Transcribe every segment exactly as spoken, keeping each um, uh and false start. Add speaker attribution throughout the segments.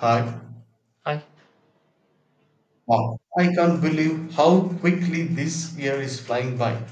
Speaker 1: I,
Speaker 2: I
Speaker 1: wow, I can't believe how quickly this year is flying by.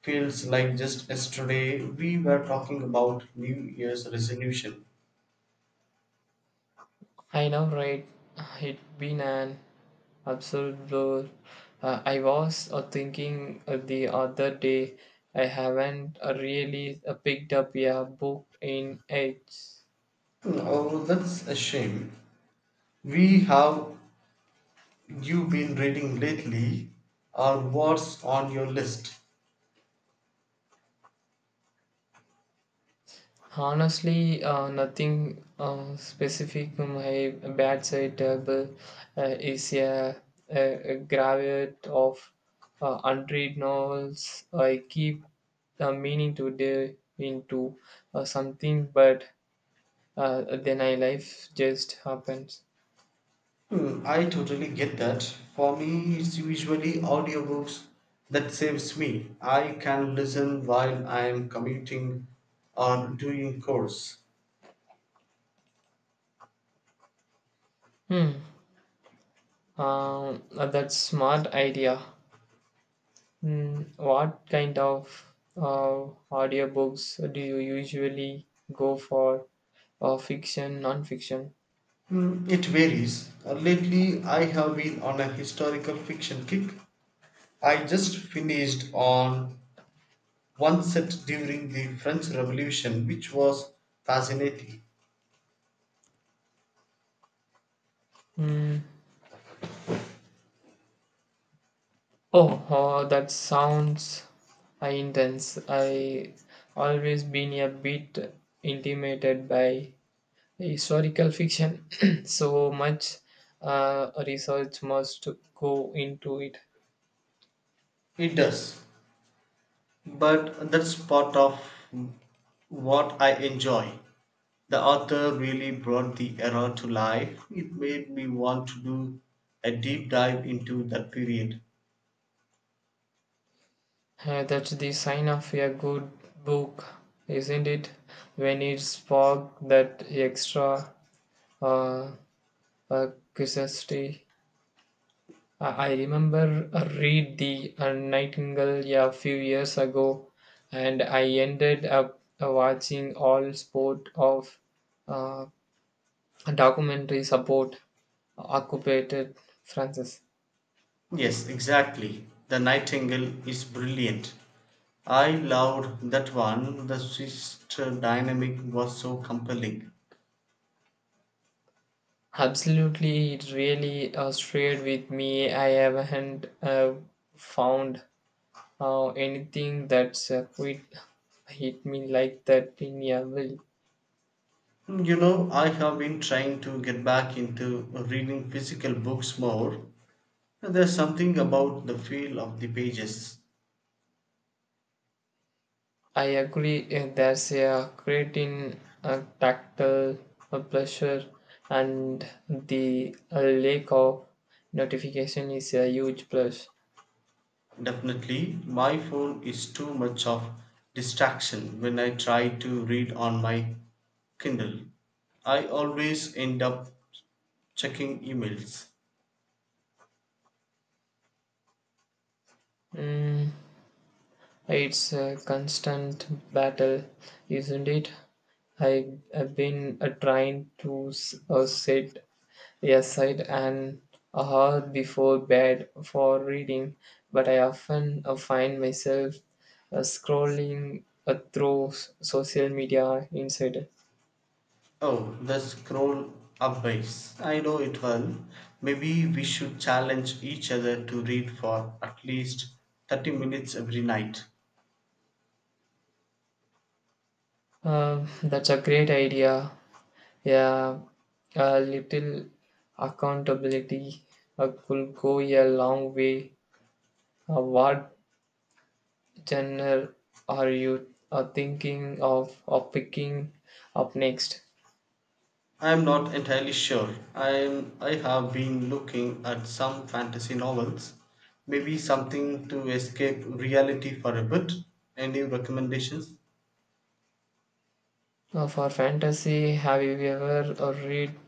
Speaker 1: Feels like just yesterday we were talking about New Year's resolution.
Speaker 2: I know, right? It been an absolute blur. Uh, I was uh, thinking uh, the other day I haven't uh, really uh, picked up a book in ages.
Speaker 1: Oh, that's a shame. We have you been reading lately, or what's on your list?
Speaker 2: Honestly, uh, nothing uh, specific. My bedside table uh, is a, a, a graveyard of uh, unread novels. I keep uh, meaning to delve into uh, something, but uh, then I life just happens.
Speaker 1: Hmm, I totally get that. For me, it's usually audiobooks that saves me. I can listen while I am commuting or doing chores.
Speaker 2: Hmm. Um, uh, that's smart idea. Hmm. What kind of uh, audiobooks do you usually go for? Uh, fiction, non-fiction?
Speaker 1: Mm, it varies. Uh, Lately, I have been on a historical fiction kick. I just finished on one set during the French Revolution, which was fascinating.
Speaker 2: Hmm. Oh, oh, that sounds uh, intense. I always been a bit intimidated by historical fiction, so much uh, research must go into it.
Speaker 1: It does, but that's part of what I enjoy. The author really brought the era to life. It made me want to do a deep dive into that period.
Speaker 2: Uh, that's the sign of a good book, isn't it? When it sparks that extra uh, uh, curiosity. I I remember I read The uh, Nightingale a few years ago, and I ended up uh, watching all sport of uh, documentaries about occupied Francis.
Speaker 1: Yes, exactly. The Nightingale is brilliant. I loved that one. The sister dynamic was so compelling.
Speaker 2: Absolutely, it really uh, stayed with me. I haven't uh, found Uh, anything that's a quit hit me like that in a will.
Speaker 1: You know, I have been trying to get back into reading physical books more. There's something about the feel of the pages.
Speaker 2: I agree uh, there's a great in uh, tactile uh, pleasure and the uh, lack of notification is a huge plus.
Speaker 1: Definitely, my phone is too much of distraction when I try to read on my Kindle. I always end up checking emails.
Speaker 2: Mm, it's a constant battle, isn't it? I have been uh, trying to s- uh, set I set an hour before bed for reading, but I often uh, find myself uh, scrolling uh, through s- social media instead.
Speaker 1: Oh, the scroll up base. I know it well. Maybe we should challenge each other to read for at least thirty minutes every night.
Speaker 2: Um, that's a great idea. Yeah, a little accountability uh, could go a long way. Uh, what genre are you uh, thinking of, of picking up next?
Speaker 1: I am not entirely sure. I am, I have been looking at some fantasy novels. Maybe something to escape reality for a bit. Any recommendations?
Speaker 2: Uh, for fantasy, have you ever uh, read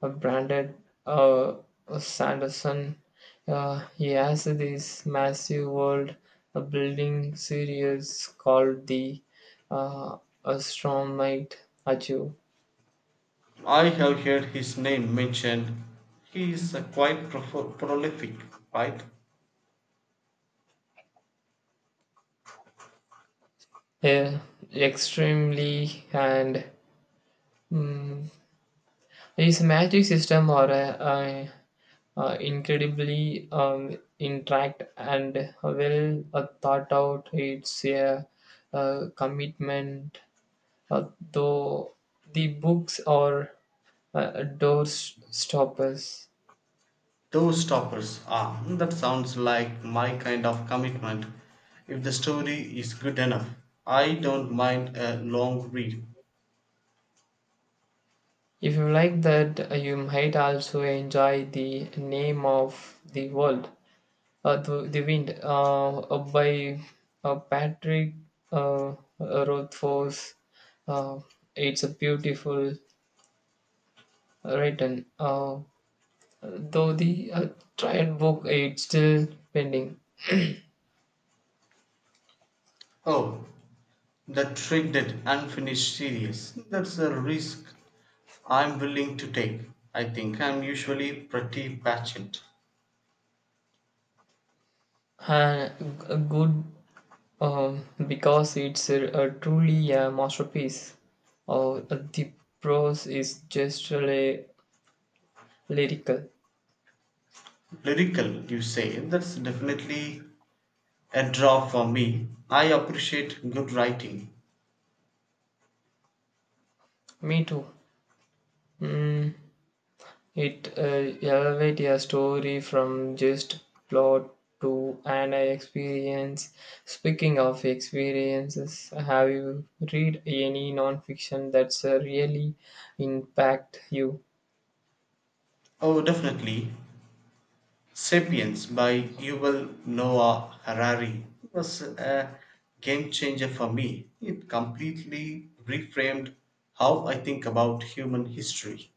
Speaker 2: uh, Brandon uh, Sanderson? Uh, he has this massive world uh, building series called the uh, Astronomite Achu.
Speaker 1: I have heard his name mentioned. He is uh, quite pro- prolific, right?
Speaker 2: Uh, extremely and mm, is a magic system or a, uh, incredibly um, intact and well uh, thought out. It's a, uh commitment, uh, though the books are uh, door stoppers.
Speaker 1: Doorstoppers. Ah, that sounds like my kind of commitment. If the story is good enough, I don't mind a long read.
Speaker 2: If you like that, uh, you might also enjoy the name of the world, uh, the, the wind, uh, uh, by uh, Patrick uh, Rothfuss. Uh, it's a beautiful written. Uh, Though the uh, triad book eh, it's still pending.
Speaker 1: Oh, the triggered unfinished series. That's a risk I'm willing to take. I think I'm usually pretty patient.
Speaker 2: Uh, g- good um, because it's a, a truly a masterpiece. Oh, Uh, the prose is just really lyrical.
Speaker 1: Lyrical, you say. That's definitely a draw for me. I appreciate good writing.
Speaker 2: Me too. Mm, it uh, elevates a story from just plot to an experience. Speaking of experiences, have you read any non-fiction that's uh, really impact you?
Speaker 1: Oh, definitely. Sapiens by Yuval Noah Harari was a game changer for me. It completely reframed how I think about human history.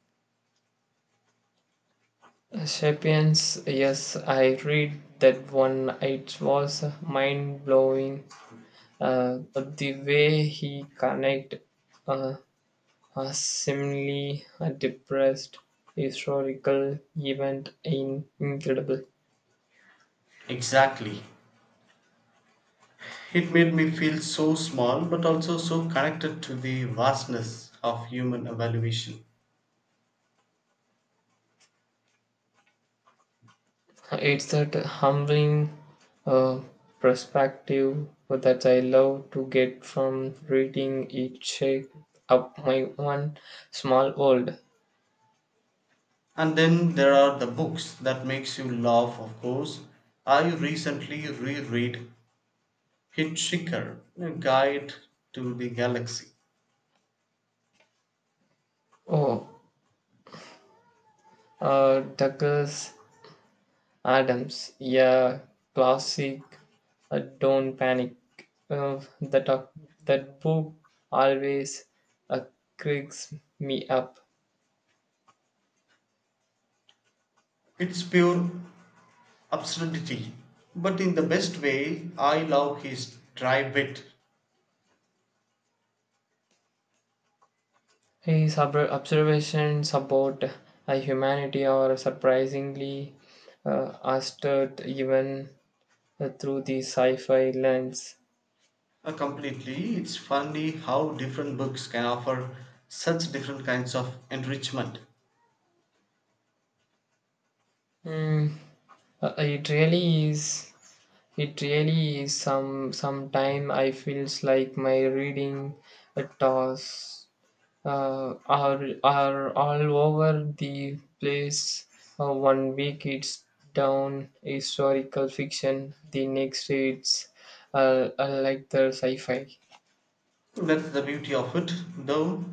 Speaker 2: Sapiens, yes, I read that one. It was mind blowing. Uh, the way he connect uh, a seemingly depressed historical event in incredible.
Speaker 1: Exactly. It made me feel so small but also so connected to the vastness of human evaluation.
Speaker 2: It's that humbling uh, perspective that I love to get from reading it. Shake up my one small world.
Speaker 1: And then there are the books that makes you laugh, of course. I recently reread Hitchhiker, A Guide to the Galaxy.
Speaker 2: Oh, uh, Douglas Adams, yeah, classic. Uh, don't panic. Uh, that uh, that book always uh, cracks me up.
Speaker 1: It's pure absurdity, but in the best way. I love his dry wit
Speaker 2: His ob- observations about uh, humanity are surprisingly uh, astute, even uh, through the sci-fi lens.
Speaker 1: uh, completely. It's funny how different books can offer such different kinds of enrichment.
Speaker 2: Mm, uh, it really is. It really is. Some sometime I feels like my reading a task uh, are are all over the place. Uh, one week it's down historical fiction, the next it's uh, uh, like the sci-fi.
Speaker 1: That's the beauty of it, though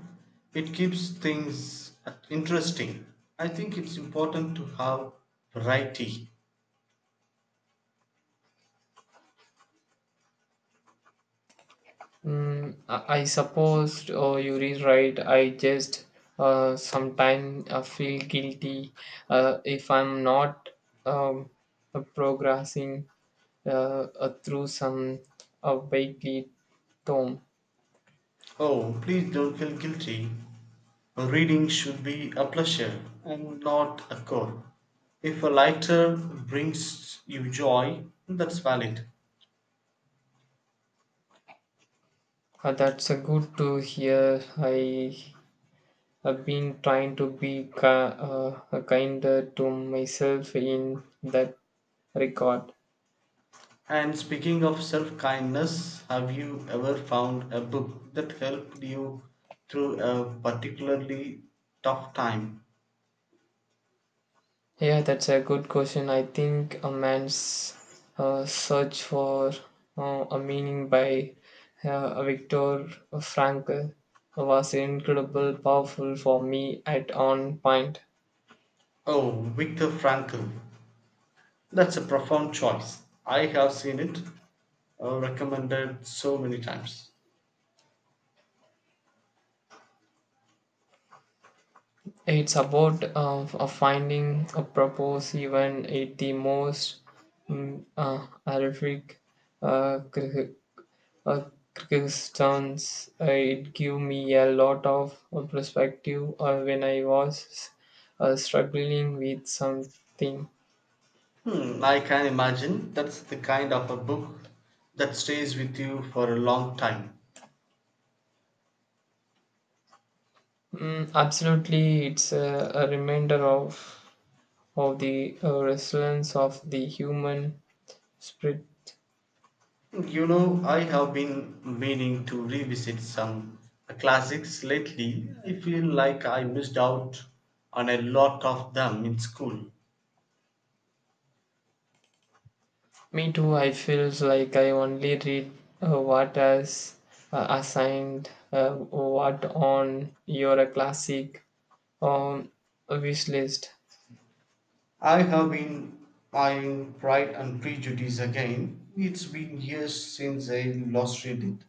Speaker 1: it keeps things uh, interesting. I think it's important to have variety.
Speaker 2: Mm, I, I suppose oh, you is right. I just uh, sometimes uh, feel guilty uh, if I'm not um, uh, progressing uh, uh, through some uh, weekly tome.
Speaker 1: Oh, please don't feel guilty. Reading should be a pleasure and not a chore. If a lighter brings you joy, that's valid.
Speaker 2: Uh, that's uh, good to hear. I I've been trying to be ki- uh, uh, kinder to myself in that regard.
Speaker 1: And speaking of self kindness, have you ever found a book that helped you through a particularly tough time?
Speaker 2: Yeah, that's a good question. I think a man's uh, search for uh, a meaning by uh, Viktor Frankl was incredible, powerful for me at one point.
Speaker 1: Oh, Viktor Frankl. That's a profound choice. I have seen it uh, recommended so many times.
Speaker 2: It's about uh, uh, finding a purpose even at the most mm, uh, horrific uh, cr- uh, Kyrgyzstan's uh, it gave me a lot of uh, perspective uh, when I was uh, struggling with something.
Speaker 1: Hmm, I can imagine that's the kind of a book that stays with you for a long time.
Speaker 2: Mm, absolutely, it's a, a reminder of of the uh, resilience of the human spirit.
Speaker 1: You know, I have been meaning to revisit some classics lately. I feel like I missed out on a lot of them in school.
Speaker 2: Me too. I feels like I only read uh, what is uh, assigned, uh, what on your classic um, wish list.
Speaker 1: I have been eyeing Pride and Prejudice again. It's been years since I last read it.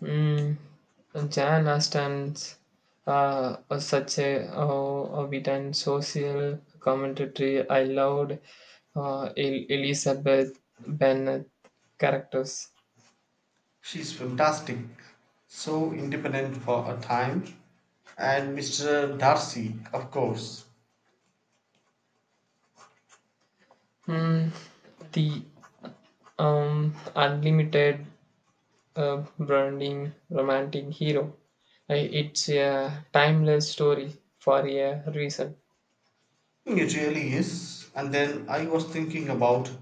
Speaker 2: Mm, Jan Austen's uh, was such a uh, evident social commentary. I loved uh, El- Elizabeth Bennet characters.
Speaker 1: She's fantastic, so independent for her time. And mister Darcy, of course.
Speaker 2: Mm, the um, unlimited uh, branding romantic hero. I- It's a timeless story for a reason.
Speaker 1: It really is. And then I was thinking about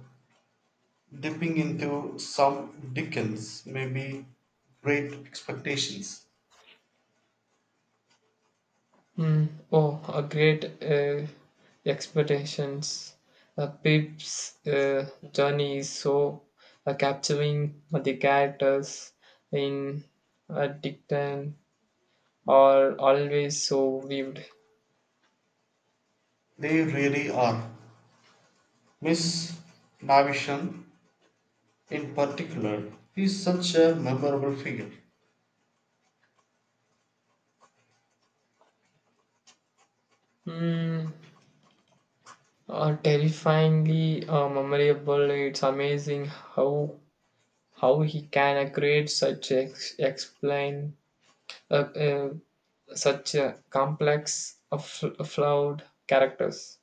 Speaker 1: dipping into some Dickens, maybe Great Expectations.
Speaker 2: Mm, oh, a great uh, expectations. Uh, Pip's uh, journey is so uh, capturing. The characters in uh, Dicton are always so vivid.
Speaker 1: They really are. Miss Navisham, in particular, is such a memorable figure.
Speaker 2: Mm, uh, Terrifyingly uh, memorable. It's amazing how how he can uh, create such ex- explain uh, uh, such uh, complex, uh, fl- flawed characters.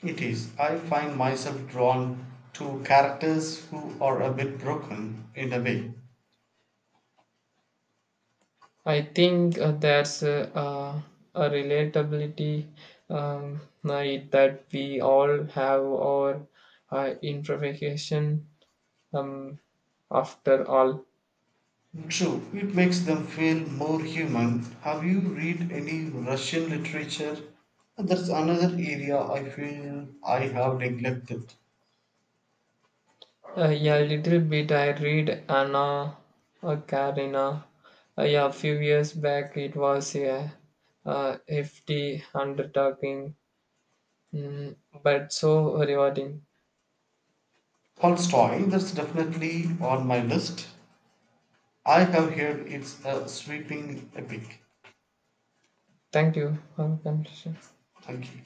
Speaker 1: It is. I find myself drawn to characters who are a bit broken in a way.
Speaker 2: I think uh, there's a, uh, a relatability um, right, that we all have our uh, imperfection um, after all.
Speaker 1: True, it makes them feel more human. Have you read any Russian literature? That's another area I feel I have neglected.
Speaker 2: Uh, yeah, a little bit I read Anna uh, Karina. Uh, yeah, a few years back it was a uh, hefty undertaking, mm, but so rewarding.
Speaker 1: Tolstoy, that's definitely on my list. I have heard it's a sweeping epic.
Speaker 2: Thank you for the conversation.
Speaker 1: Thank you.